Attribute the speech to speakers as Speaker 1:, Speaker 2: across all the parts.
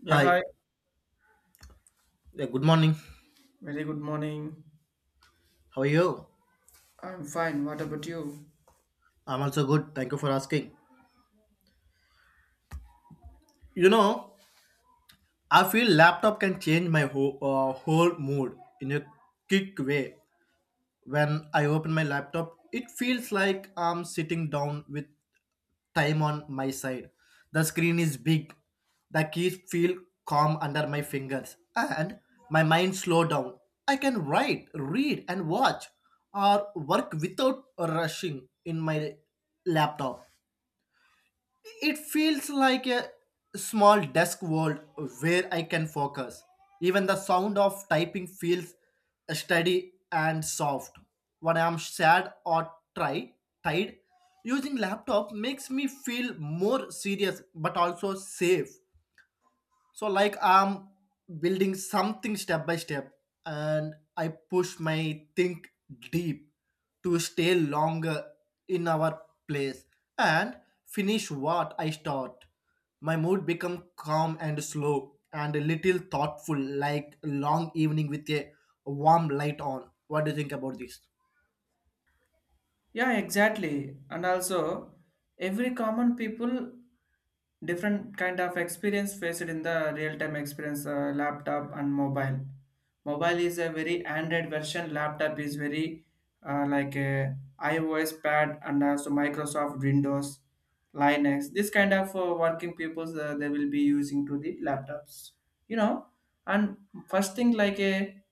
Speaker 1: Yeah,
Speaker 2: Hi,
Speaker 1: hi.
Speaker 2: yeah, good morning.
Speaker 1: Very good morning.
Speaker 2: How are you?
Speaker 1: I'm fine. What about you?
Speaker 2: I'm also good. Thank you for asking. You know, I feel laptop can change my whole mood in a quick way. When I open my laptop, it feels like I'm sitting down with time on my side. The screen is big. The keys feel calm under my fingers, and my mind slow down. I can write, read, and watch, or work without rushing in my laptop. It feels like a small desk world where I can focus. Even the sound of typing feels steady and soft. When I am sad or tired, using laptop makes me feel more serious but also safe, so like I'm building something step by step, and I push my think deep to stay longer in our place and finish what I start. My mood become calm and slow, and a little thoughtful, like long evening with a warm light on. What do you think about this?
Speaker 1: Yeah, exactly. And also, every common people different kind of experience faced in the real-time experience, laptop and mobile. Mobile is a very Android version. Laptop is very like a iOS pad and also Microsoft Windows, Linux. This kind of working peoples, they will be using to the laptops you know and first thing like a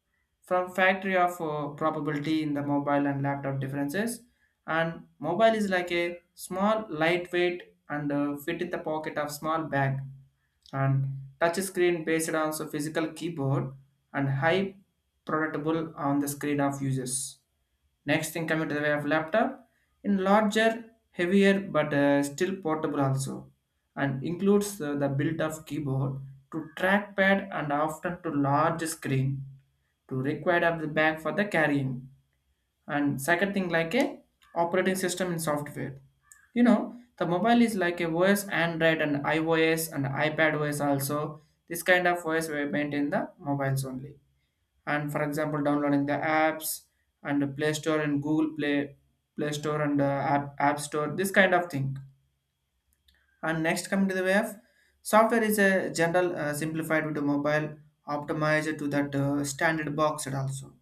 Speaker 1: from factory of probability in the mobile and laptop differences. And mobile is like a small lightweight and fit in the pocket of small bag. And touch screen based on so physical keyboard and high productable on the screen of users. Next thing coming to the way of laptop in larger, heavier but still portable also, and includes the built-up keyboard to trackpad and often to large screen to required of the bag for the carrying. And second thing like a operating system in software, you know, the mobile is like a OS Android and iOS and iPad OS also. This kind of OS we maintain the mobiles only. And for example downloading the apps, and the play store and Google play store and app store, this kind of thing. And next coming to the way of software is a general simplified with the mobile, optimized to that standard box also.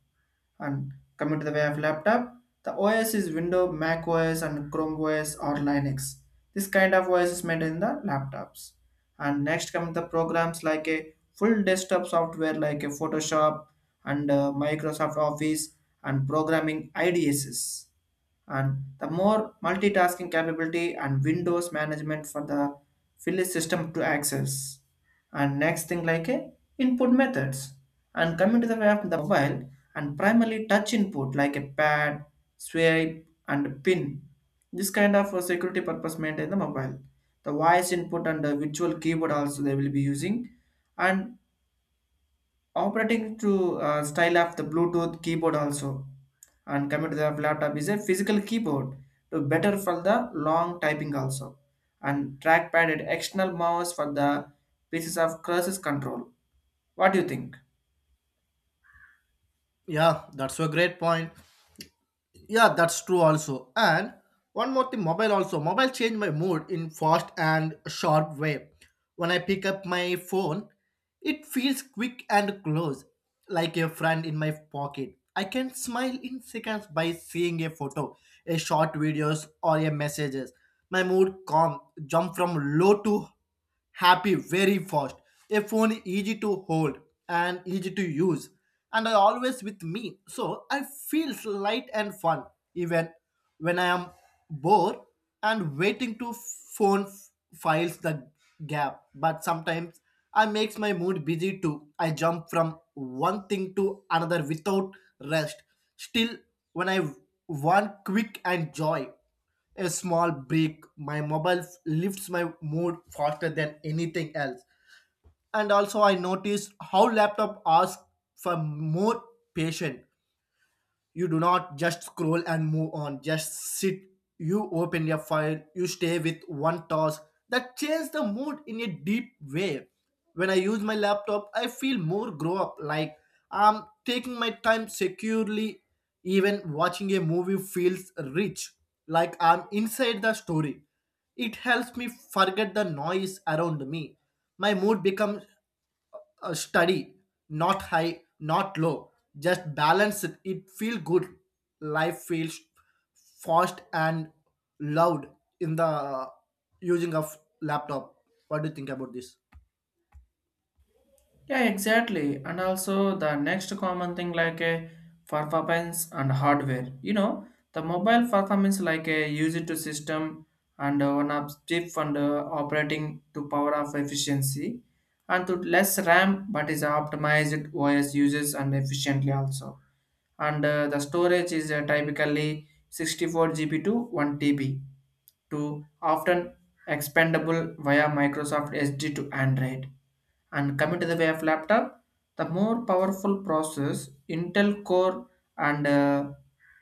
Speaker 1: And coming to the way of laptop, the OS is Windows, Mac OS and Chrome OS or Linux. This kind of OS is made in the laptops. And next come the programs like a full desktop software like a Photoshop and Microsoft Office and programming idss, and the more multitasking capability and windows management for the phyllis system to access. And next thing like a input methods. And coming to the way of the mobile and primarily touch input like a pad, swipe and pin, this kind of security purpose maintain the mobile. The voice input and the virtual keyboard also they will be using, and operating to style of the Bluetooth keyboard also. And coming to the laptop is a physical keyboard to better for the long typing also, and trackpad and external mouse for the pieces of crisis control. What do you think?
Speaker 2: Yeah, that's a great point. Yeah, that's true also. And one more thing, mobile also, mobile change my mood in fast and sharp way. When I pick up my phone, it feels quick and close, like a friend in my pocket. I can smile in seconds by seeing a photo, a short videos, or a messages. My mood calm jump from low to happy very fast. A phone easy to hold and easy to use, and I always with me, so I feels light and fun. Even when I am bored and waiting to phone files the gap. But sometimes I makes my mood busy too. I jump from one thing to another without rest. Still, when I want quick and joy, a small break, my mobile lifts my mood faster than anything else. And also, I notice how laptop asks for more patience. You do not just scroll and move on, just sit. You open your file, you stay with one task. That changes the mood in a deep way. When I use my laptop, I feel more grow up, like I'm taking my time securely. Even watching a movie feels rich, like I'm inside the story. It helps me forget the noise around me. My mood becomes study, not high, not low, just balance it, it feel good. Life feels fast and loud in the using of laptop. What do you think about this?
Speaker 1: Yeah, exactly. And also the next common thing like a performance and hardware. You know, the mobile performance like a use it to system and one up chip and operating to power of efficiency, and to less RAM but is optimized OS uses and efficiently also. And the storage is typically 64 GB to 1 TB, to often expandable via Microsoft SD to Android. And coming to the way of laptop, the more powerful process Intel Core and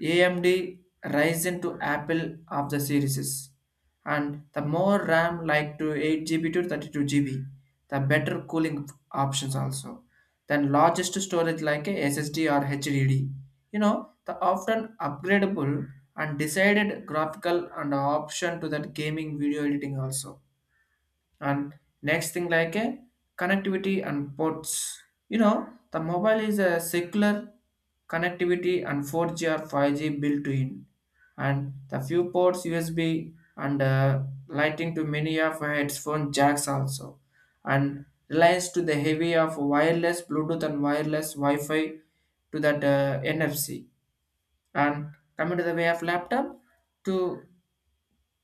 Speaker 1: AMD Ryzen to Apple of the series, and the more RAM like to 8 GB to 32 GB, the better cooling options also, than largest storage like a SSD or HDD. You know, the often upgradable and decided graphical and option to that gaming video editing also. And next thing like a connectivity and ports, you know, the mobile is a secular connectivity and 4G or 5G built in, and the few ports USB and lighting to many of headphone jacks also, and relies to the heavy of wireless Bluetooth and wireless Wi-Fi to that NFC. And coming to the way of laptop, to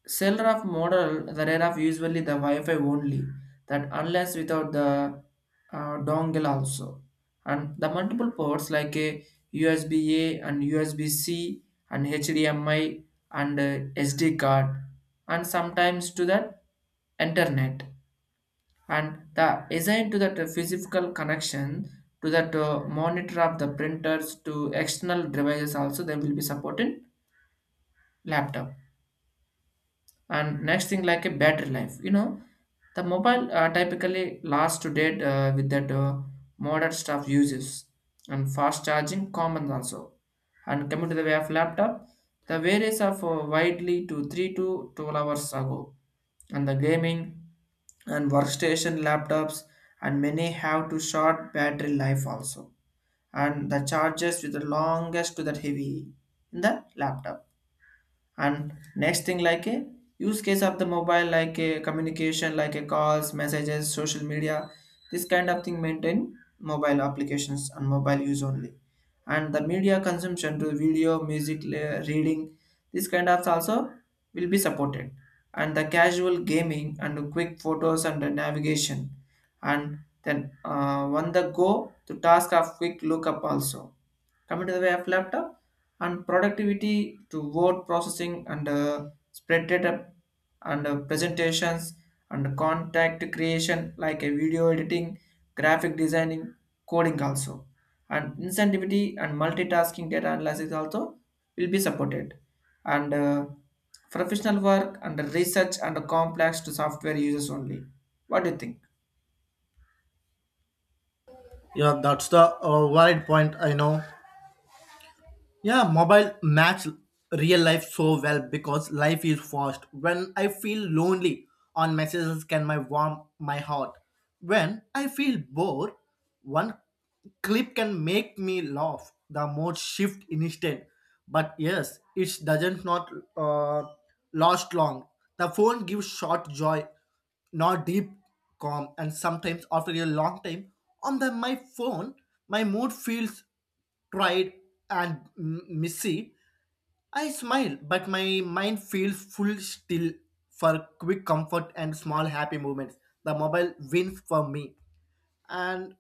Speaker 1: Seller of model, the rare of usually the Wi-Fi only, that unless without the dongle also. And the multiple ports like a USB-A and USB-C and HDMI and SD card and sometimes to the internet, and the assigned to that physical connection to that monitor of the printers to external devices also they will be supported laptop. And next thing like a battery life, you know, the mobile typically lasts to date with that modern stuff uses, and fast charging common also. And coming to the way of laptop, the various are for widely to 3 to 12 hours ago, and the gaming and workstation laptops, and many have to short battery life also, and the charges with the longest to that heavy in the laptop. And next thing like a use case of the mobile, like a communication like a calls, messages, social media, this kind of thing maintain mobile applications and mobile use only, and the media consumption to video, music, reading, this kind of also will be supported, and the casual gaming and quick photos and the navigation, and then on the go to task of quick lookup also. Coming to the way of laptop, and productivity to word processing and spread data and presentations, and contact creation like a video editing, graphic designing, coding also, and incentivity and multitasking data analysis also will be supported, and professional work and research and complex to software users only. What do you think?
Speaker 2: Yeah, that's the valid point, I know. Yeah, mobile match real life so well because life is fast. When I feel lonely, on messages can my warm my heart. When I feel bored, one clip can make me laugh. The mood shift instant. But yes, it doesn't not uh, last long. The phone gives short joy, not deep calm. And sometimes after a long time, on the my phone, my mood feels tried and messy. I smile, but my mind feels full still for quick comfort and small happy moments. The mobile wins for me. And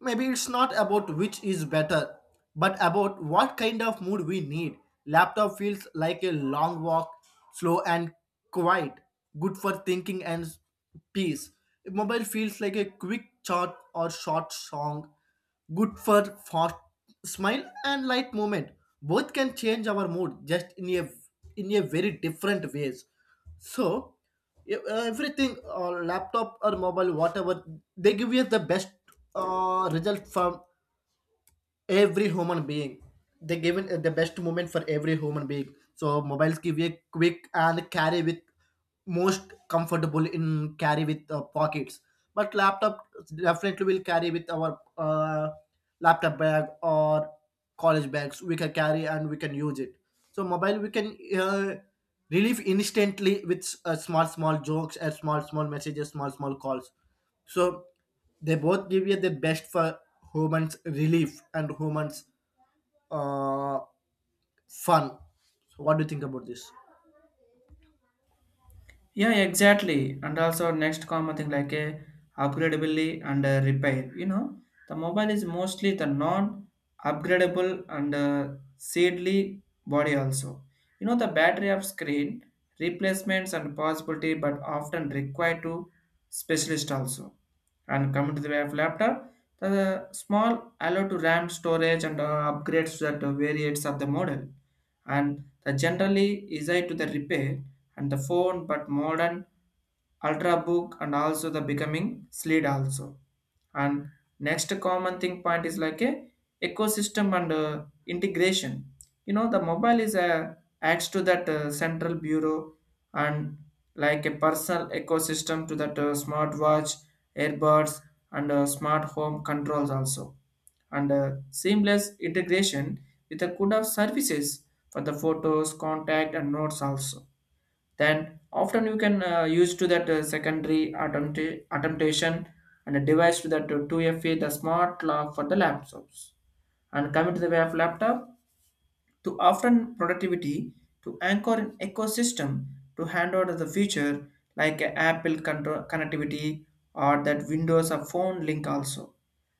Speaker 2: maybe it's not about which is better, but about what kind of mood we need. Laptop feels like a long walk, slow and quiet, good for thinking and peace. Mobile feels like a quick chat or short song, good for fast smile and light movement. Both can change our mood just in a very different ways. So yeah, everything, laptop or mobile, whatever, they give you the best result from every human being. They given the best moment for every human being, so mobiles give you a quick and carry with, most comfortable in carry with pockets. But laptop definitely will carry with our laptop bag or college bags, we can carry and we can use it. So mobile we can relieve instantly with small small jokes and small small messages small small calls. So they both give you the best for humans relief and humans uh, fun. So what do you think about this?
Speaker 1: Yeah, exactly. And also next common thing like a upgradability and repair. You know, the mobile is mostly the non-upgradable and seedly body also. You know, the battery of screen replacements and possibility, but often required to specialist also. And coming to the way of laptop, the small allow to RAM storage and upgrades that variates of the model, and the generally easy to the repair and the phone but modern ultrabook and also the becoming slid also. And next common thing point is like a ecosystem and integration, you know, the mobile is a acts to that central bureau, and like a personal ecosystem to that smartwatch, earbuds and smart home controls also, and seamless integration with a good of services for the photos, contact and notes also. Then often you can use to that secondary attemptation and a device to that 2FA, the smart lock for the laptops. And coming to the way of laptop, to often productivity to anchor an ecosystem, to hand over the feature like a Apple connectivity or that Windows or phone link also,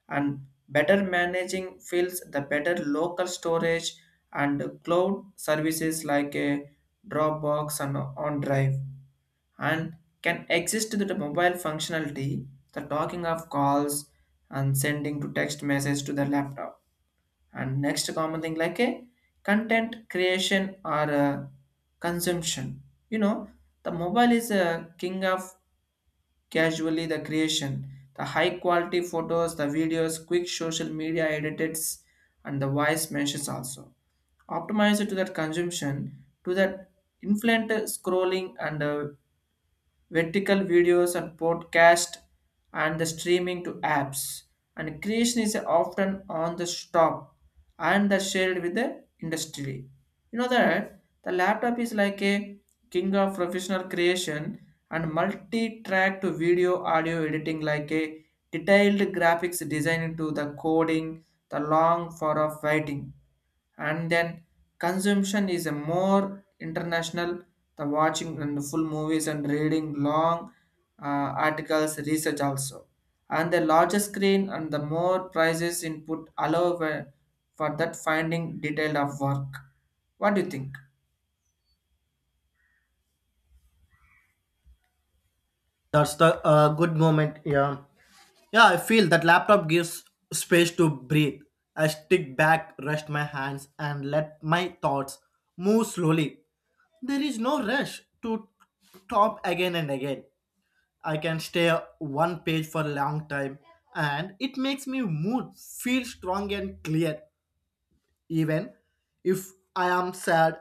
Speaker 1: and better managing fields, the better local storage and cloud services like a Dropbox and OnDrive, and can exist with the mobile functionality, the talking of calls and sending to text message to the laptop. And next common thing like a content creation or a consumption. You know, the mobile is a king of casually the creation, the high quality photos, the videos, quick social media edits, and the voice messages also, optimize it to that consumption to that influent scrolling and vertical videos and podcast and the streaming to apps, and creation is often on the stop and the shared with the industry. You know that the laptop is like a king of professional creation and multi-track to video audio editing, like a detailed graphics design into the coding, the long for of writing. And then consumption is a more international, the watching and full movies and reading long articles, research also, and the larger screen and the more prices input allow for that finding detail of work. What do you think?
Speaker 2: That's the good moment. Yeah, yeah. I feel that laptop gives space to breathe. I stick back, rest my hands, and let my thoughts move slowly. There is no rush to top again and again. I can stay one page for a long time, and it makes me mood feel strong and clear, even if I am sad.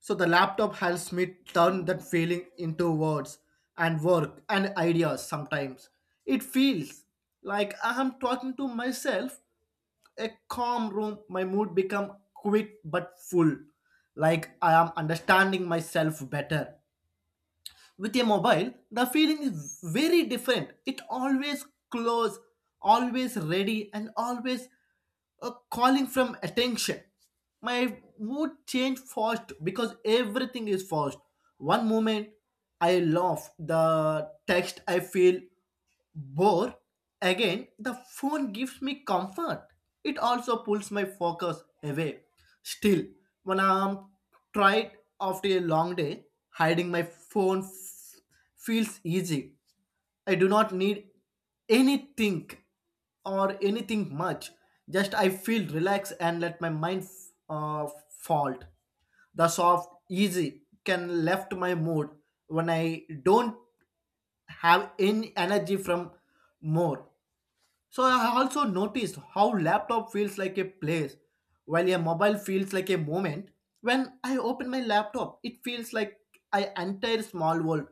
Speaker 2: So the laptop helps me turn that feeling into words and work and ideas sometimes. It feels like I am talking to myself, a calm room. My mood become quick but full, like I am understanding myself better. With a mobile, the feeling is very different. It always close, always ready, and always calling from attention. My mood change fast because everything is fast. One moment I laugh, the text I feel, but again, the phone gives me comfort. It also pulls my focus away. Still, when I'm tired after a long day, hiding my phone feels easy. I do not need anything or anything much. Just I feel relaxed and let my mind uh, fault. The soft easy can lift my mood when I don't have any energy from more. So I also noticed how laptop feels like a place while a mobile feels like a moment. When I open my laptop, it feels like I entire small world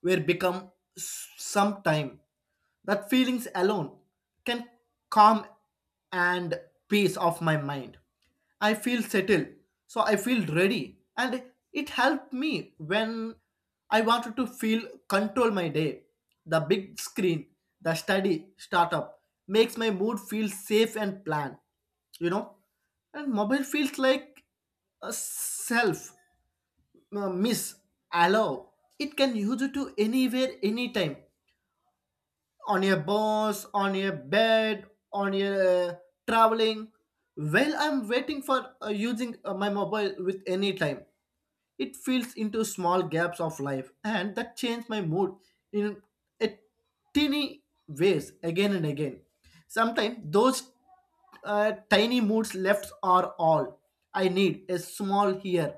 Speaker 2: where become some time. That feelings alone can calm and peace of my mind. I feel settled. So I feel ready. And it helped me when I wanted to feel control my day. The big screen, the study, startup makes my mood feel safe and planned, you know. And mobile feels like a self miss allow. It can use it to anywhere, anytime, on a bus, on a bed, on a uh, traveling. While I'm waiting for using my mobile with any time, it fills into small gaps of life, and that changes my mood in a teeny ways again and again. Sometimes those tiny moods left are all I need. A small here,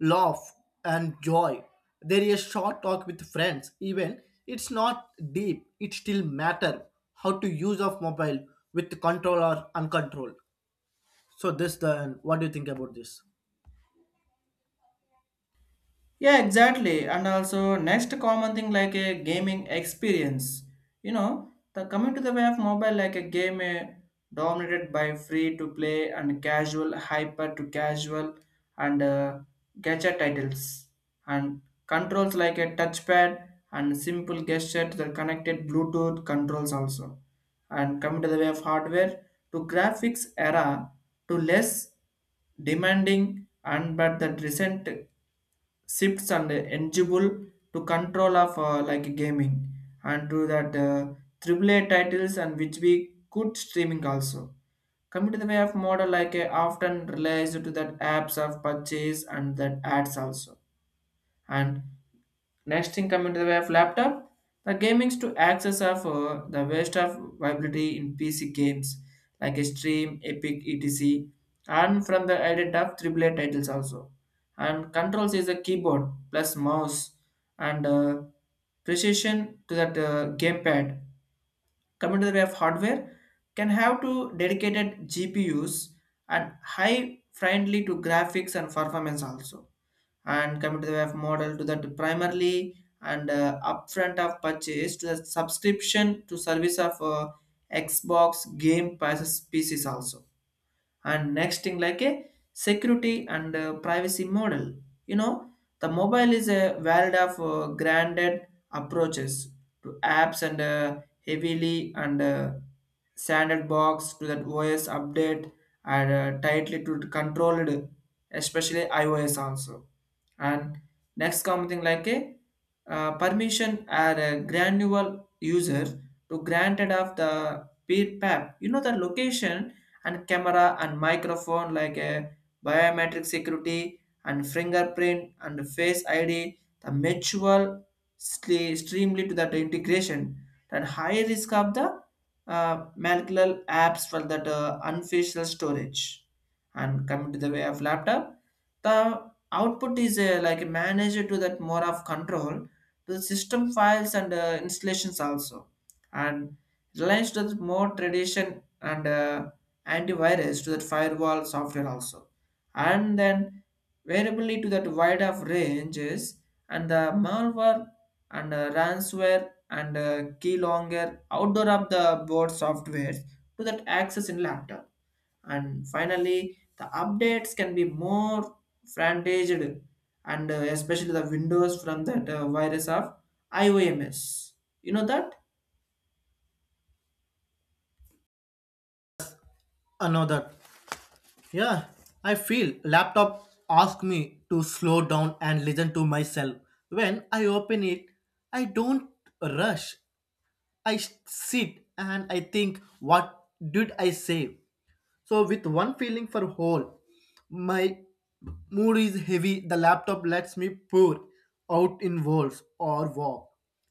Speaker 2: laugh and joy there, is a short talk with friends. Even it's not deep, it still matter how to use of mobile with control or uncontrolled. So this then, what do you think about this?
Speaker 1: Yeah, exactly. And also next common thing like a gaming experience. You know, the coming to the way of mobile like a game dominated by free to play and casual, hyper to casual and gacha titles, and controls like a touchpad and simple gesture to the connected Bluetooth controls also. And coming to the way of hardware, to graphics era, to less demanding and but the recent shifts and eligible to control of like gaming, and to that triple A titles and which we good streaming also. Coming to the way of model like often relies to that apps of purchase and that ads also. And next thing coming to the way of laptop, the gaming's to access of the waste of viability in PC games like Steam, Epic, etc. And from the ident of triple A titles also. And controls is a keyboard plus mouse and precision to that gamepad. Coming to the way of hardware, can have two dedicated GPUs and high friendly to graphics and performance also. And coming to the web model to that primarily and upfront of purchase to the subscription to service of Xbox game passes pieces also. And next thing like a security and privacy model. You know, the mobile is a world of granted approaches to apps and heavily and sandbox to that OS update and tightly to controlled, especially iOS also. And next common thing like a permission are a granular user to granted of the peer pap. You know the location and camera and microphone, like a biometric security and fingerprint and face ID, the mutual streamly to that integration. That high risk of the molecular apps for that unofficial storage. And coming to the way of laptop, the output is like managed to that more of control to the system files and installations also and relies to the more tradition and antivirus to that firewall software also, and then variability to that wide of ranges and the malware and ransomware and key longer outdoor of the board software to that access in laptop. And finally the updates can be more fragmented, and especially the windows from that virus of ioms, you know that.
Speaker 2: Another. Yeah, I feel laptop ask me to slow down and listen to myself. When I open it, I don't rush, I sit, and I think what did I say? So with one feeling for whole, my mood is heavy. The laptop lets me pour out in walls or walk.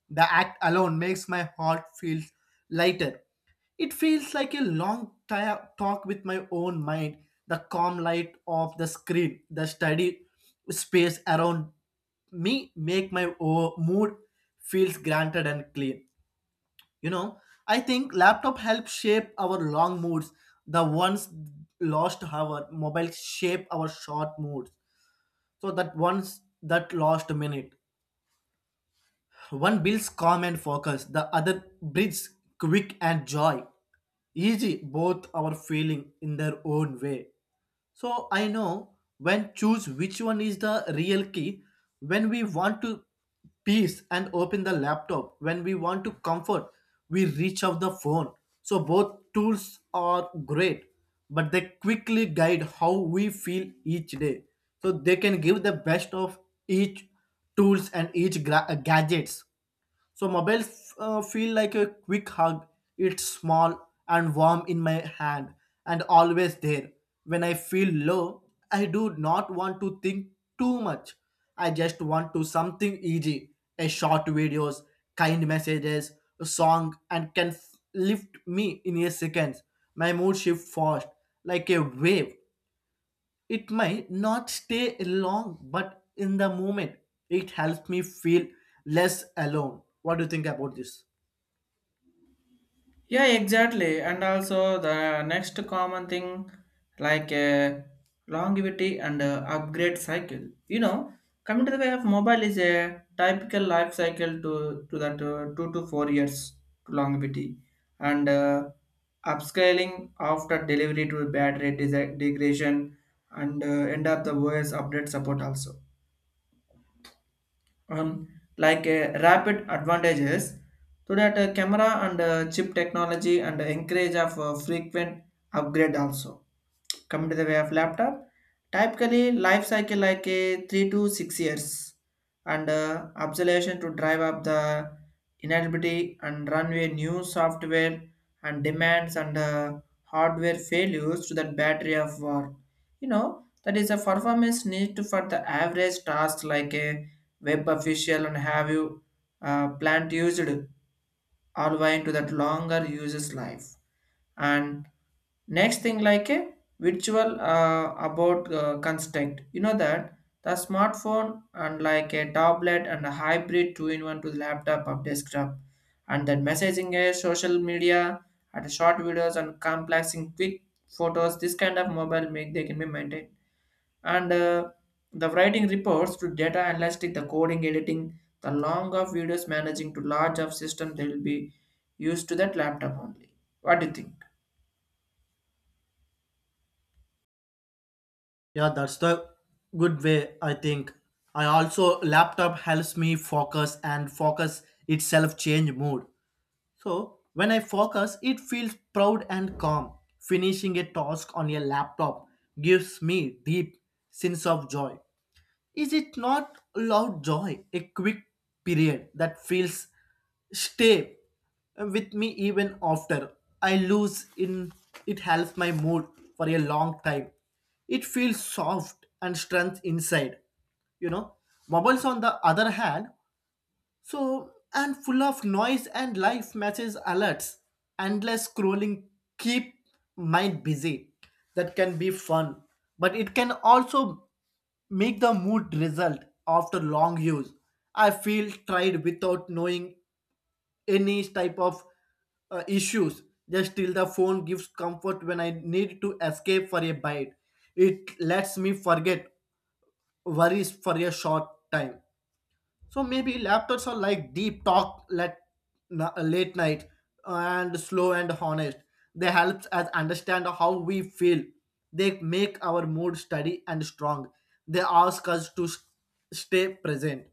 Speaker 2: The act alone makes my heart feel lighter. It feels like a long talk with my own mind. The calm light of the screen, the study space around me, make my mood feels granted and clean. You know, I think laptop help shape our long moods. The ones lost our mobile shape our short moods. So that ones that lost minute. One builds calm and focus. The other breeds quick and joy. Easy, both are feeling in their own way. So I know when choose which one is the real key. When we want to peace, and open the laptop. When we want to comfort, we reach out the phone. So both tools are great, but they quickly guide how we feel each day. So they can give the best of each tools and each gadgets. So mobiles feel like a quick hug. It's small and warm in my hand and always there. When I feel low, I do not want to think too much. I just want to something easy, a short videos, kind messages, a song, and can lift me in a seconds. My mood shift fast like a wave. It might not stay long, but in the moment, it helps me feel less alone. What do you think about this?
Speaker 1: Yeah, exactly. And also the next common thing, like longevity and upgrade cycle. You know, coming to the way of mobile is a typical life cycle to that 2 to 4 years to longevity, and upscaling after delivery to battery degradation and end up the OS update support also. um, like rapid advantages to that camera and chip technology and encourage of frequent upgrade also. Coming to the way of laptop, typically life cycle like a 3 to 6 years, and observation to drive up the inability and runway new software and demands, and hardware failures to that battery of war, you know, that is a performance need to for the average task like a web official and have you plant used all wine to that longer uses life. And next thing, like a virtual about construct, you know, that the smartphone and like a tablet and a hybrid two in one to the laptop or desktop, and then messaging a social media and short videos and complexing quick photos, this kind of mobile make they can be maintained. And the writing reports to data analytic, the coding editing the long of videos managing to large of system, they will be used to that laptop only. What do you think?
Speaker 2: Yeah, that's the good way, I think. I also laptop helps me focus and focus itself change mood. So when I focus, it feels proud and calm. Finishing a task on a laptop gives me deep sense of joy. Is it not loud joy, a quick period that feels stay with me even after I lose in it, helps my mood for a long time. It feels soft and strength inside. You know, Mobiles on the other hand so, and full of noise and life matches alerts, endless scrolling keep mind busy. That can be fun, but it can also make the mood result after long use. I feel tired without knowing any type of issues. Just till the phone gives comfort when I need to escape for a bite. It lets me forget worries for a short time. So maybe laptops are like deep talk let, late night, and slow and honest. They helps us understand how we feel. They make our mood steady and strong. They ask us to stay present.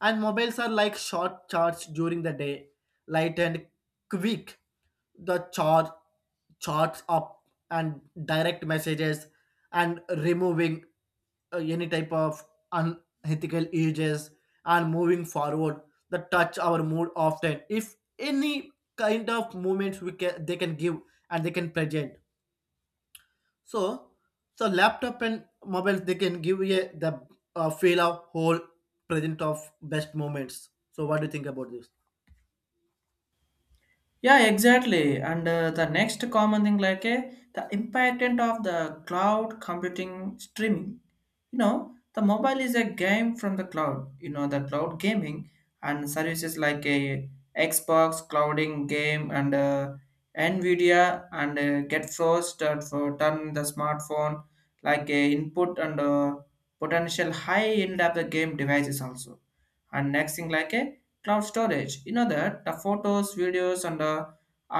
Speaker 2: And mobiles are like short charts during the day, light and quick, the charge, charts up, and direct messages, and removing any type of unethical uses, and moving forward, that touch our mood often. If any kind of movements we can, they can give, and they can present. So, so laptop and mobiles, they can give you a, the feel of whole present of best moments. So, what do you think about this?
Speaker 1: Yeah, exactly. And the next common thing, like the impact of the cloud computing streaming. You know, the mobile is a game from the cloud. You know, the cloud gaming and services like a Xbox clouding game and Nvidia and get first for turn the smartphone like a input and potential high end of the game devices also. And next thing, like a cloud storage, you know, that the photos videos and the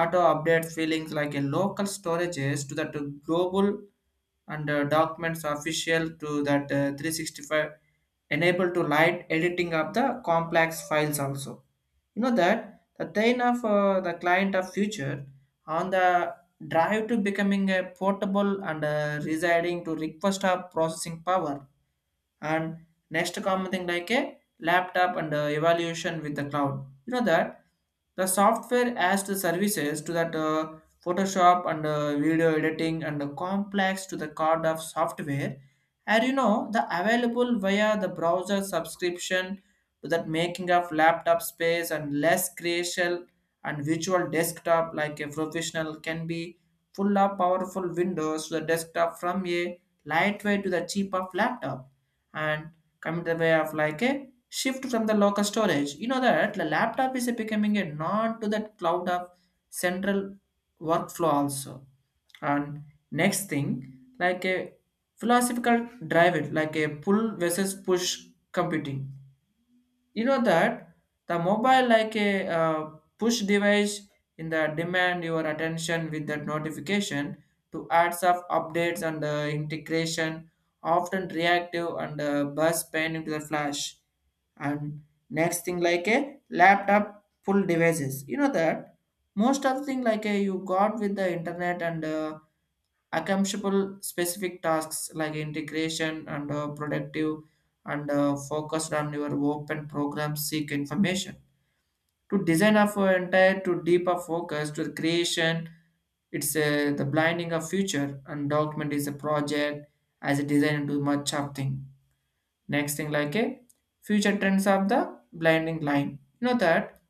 Speaker 1: auto update feelings like a local storages to that global, and documents official to that 365 enable to light editing of the complex files also, you know that the thing of the client of future on the drive to becoming a portable, and residing to request of processing power. And next common thing, like a laptop and evaluation with the cloud, you know that the software as the services to that photoshop and video editing and the complex to the card of software, and you know the available via the browser subscription to that making of laptop space and less crucial. And virtual desktop like a professional can be full of powerful windows to the desktop from a lightweight to the cheap of laptop. And coming to the way of like a shift from the local storage. You know that the laptop is becoming a non to that cloud of central workflow also. And next thing, like a philosophical drive it, like a pull versus push computing, you know that the mobile like a push device in the demand your attention with that notification to ads of updates and integration, often reactive and burst pain into the flash. And next thing, like a laptop full devices, you know that most of the thing like a you got with the internet and Accomplishable specific tasks like integration and productive and focused on your open program seek information. To design of an entire to deeper focus to the creation, it's the blinding of future and document is a project as a design into much of thing. Next thing like a future trends of the blinding line. You know that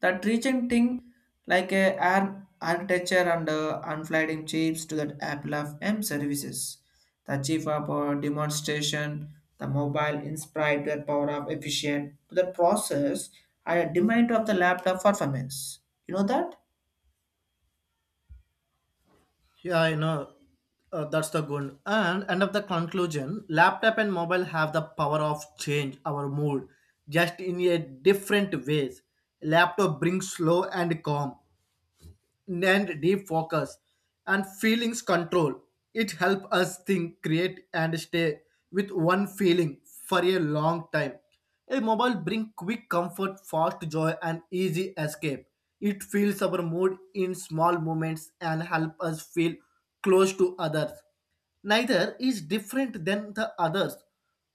Speaker 1: that reaching thing like a arm architecture and unflying chips to that Apple of M services. The chief of our demonstration, the mobile inspired the power of efficient to the process and a demand of the laptop performance. You know that?
Speaker 2: Yeah, I know, that's the good. And end of the conclusion, laptop and mobile have the power of change our mood, just in a different ways. Laptop brings slow and calm, and deep focus and feelings control. It helps us think, create, and stay with one feeling for a long time. A mobile brings quick comfort, fast joy, and easy escape. It fills our mood in small moments and helps us feel close to others. Neither is different than the others.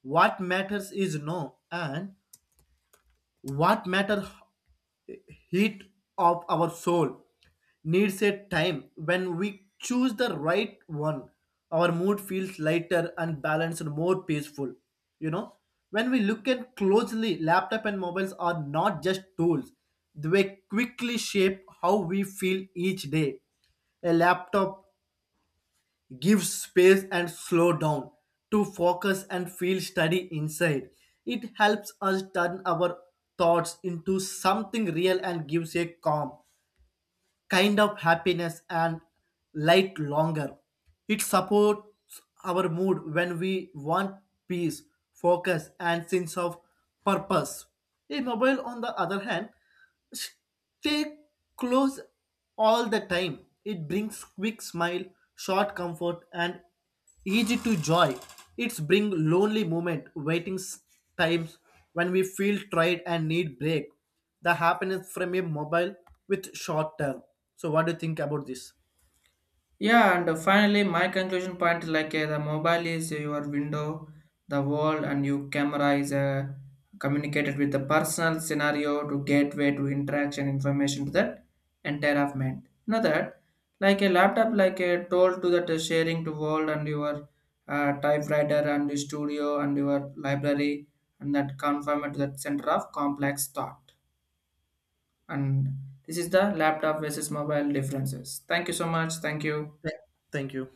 Speaker 2: What matters is no, and what matters heat of our soul needs a time when we choose the right one. Our mood feels lighter and balanced and more peaceful you know when we look at closely, laptop and mobiles are not just tools, they quickly shape how we feel each day. A laptop give space and slow down to focus and feel steady inside. It helps us turn our thoughts into something real and gives a calm kind of happiness and light longer. It supports our mood when we want peace, focus, and sense of purpose. A mobile, on the other hand, stay close all the time. It brings quick smile, short comfort, and easy to joy. It's bring lonely moment waiting times when we feel tired and need break. The happiness from a mobile with short term. So what do you think about this?
Speaker 1: Yeah, and finally, my conclusion point is like the mobile is your window, the wall, and your camera is communicated with the personal scenario to gateway to interaction information to that entire of mind. You know that, like a laptop, like a tool to that sharing to world and your typewriter and your studio and your library, and that conform to that center of complex thought. And this is the laptop versus mobile differences. Thank you so much. Thank you.
Speaker 2: Th- Thank you.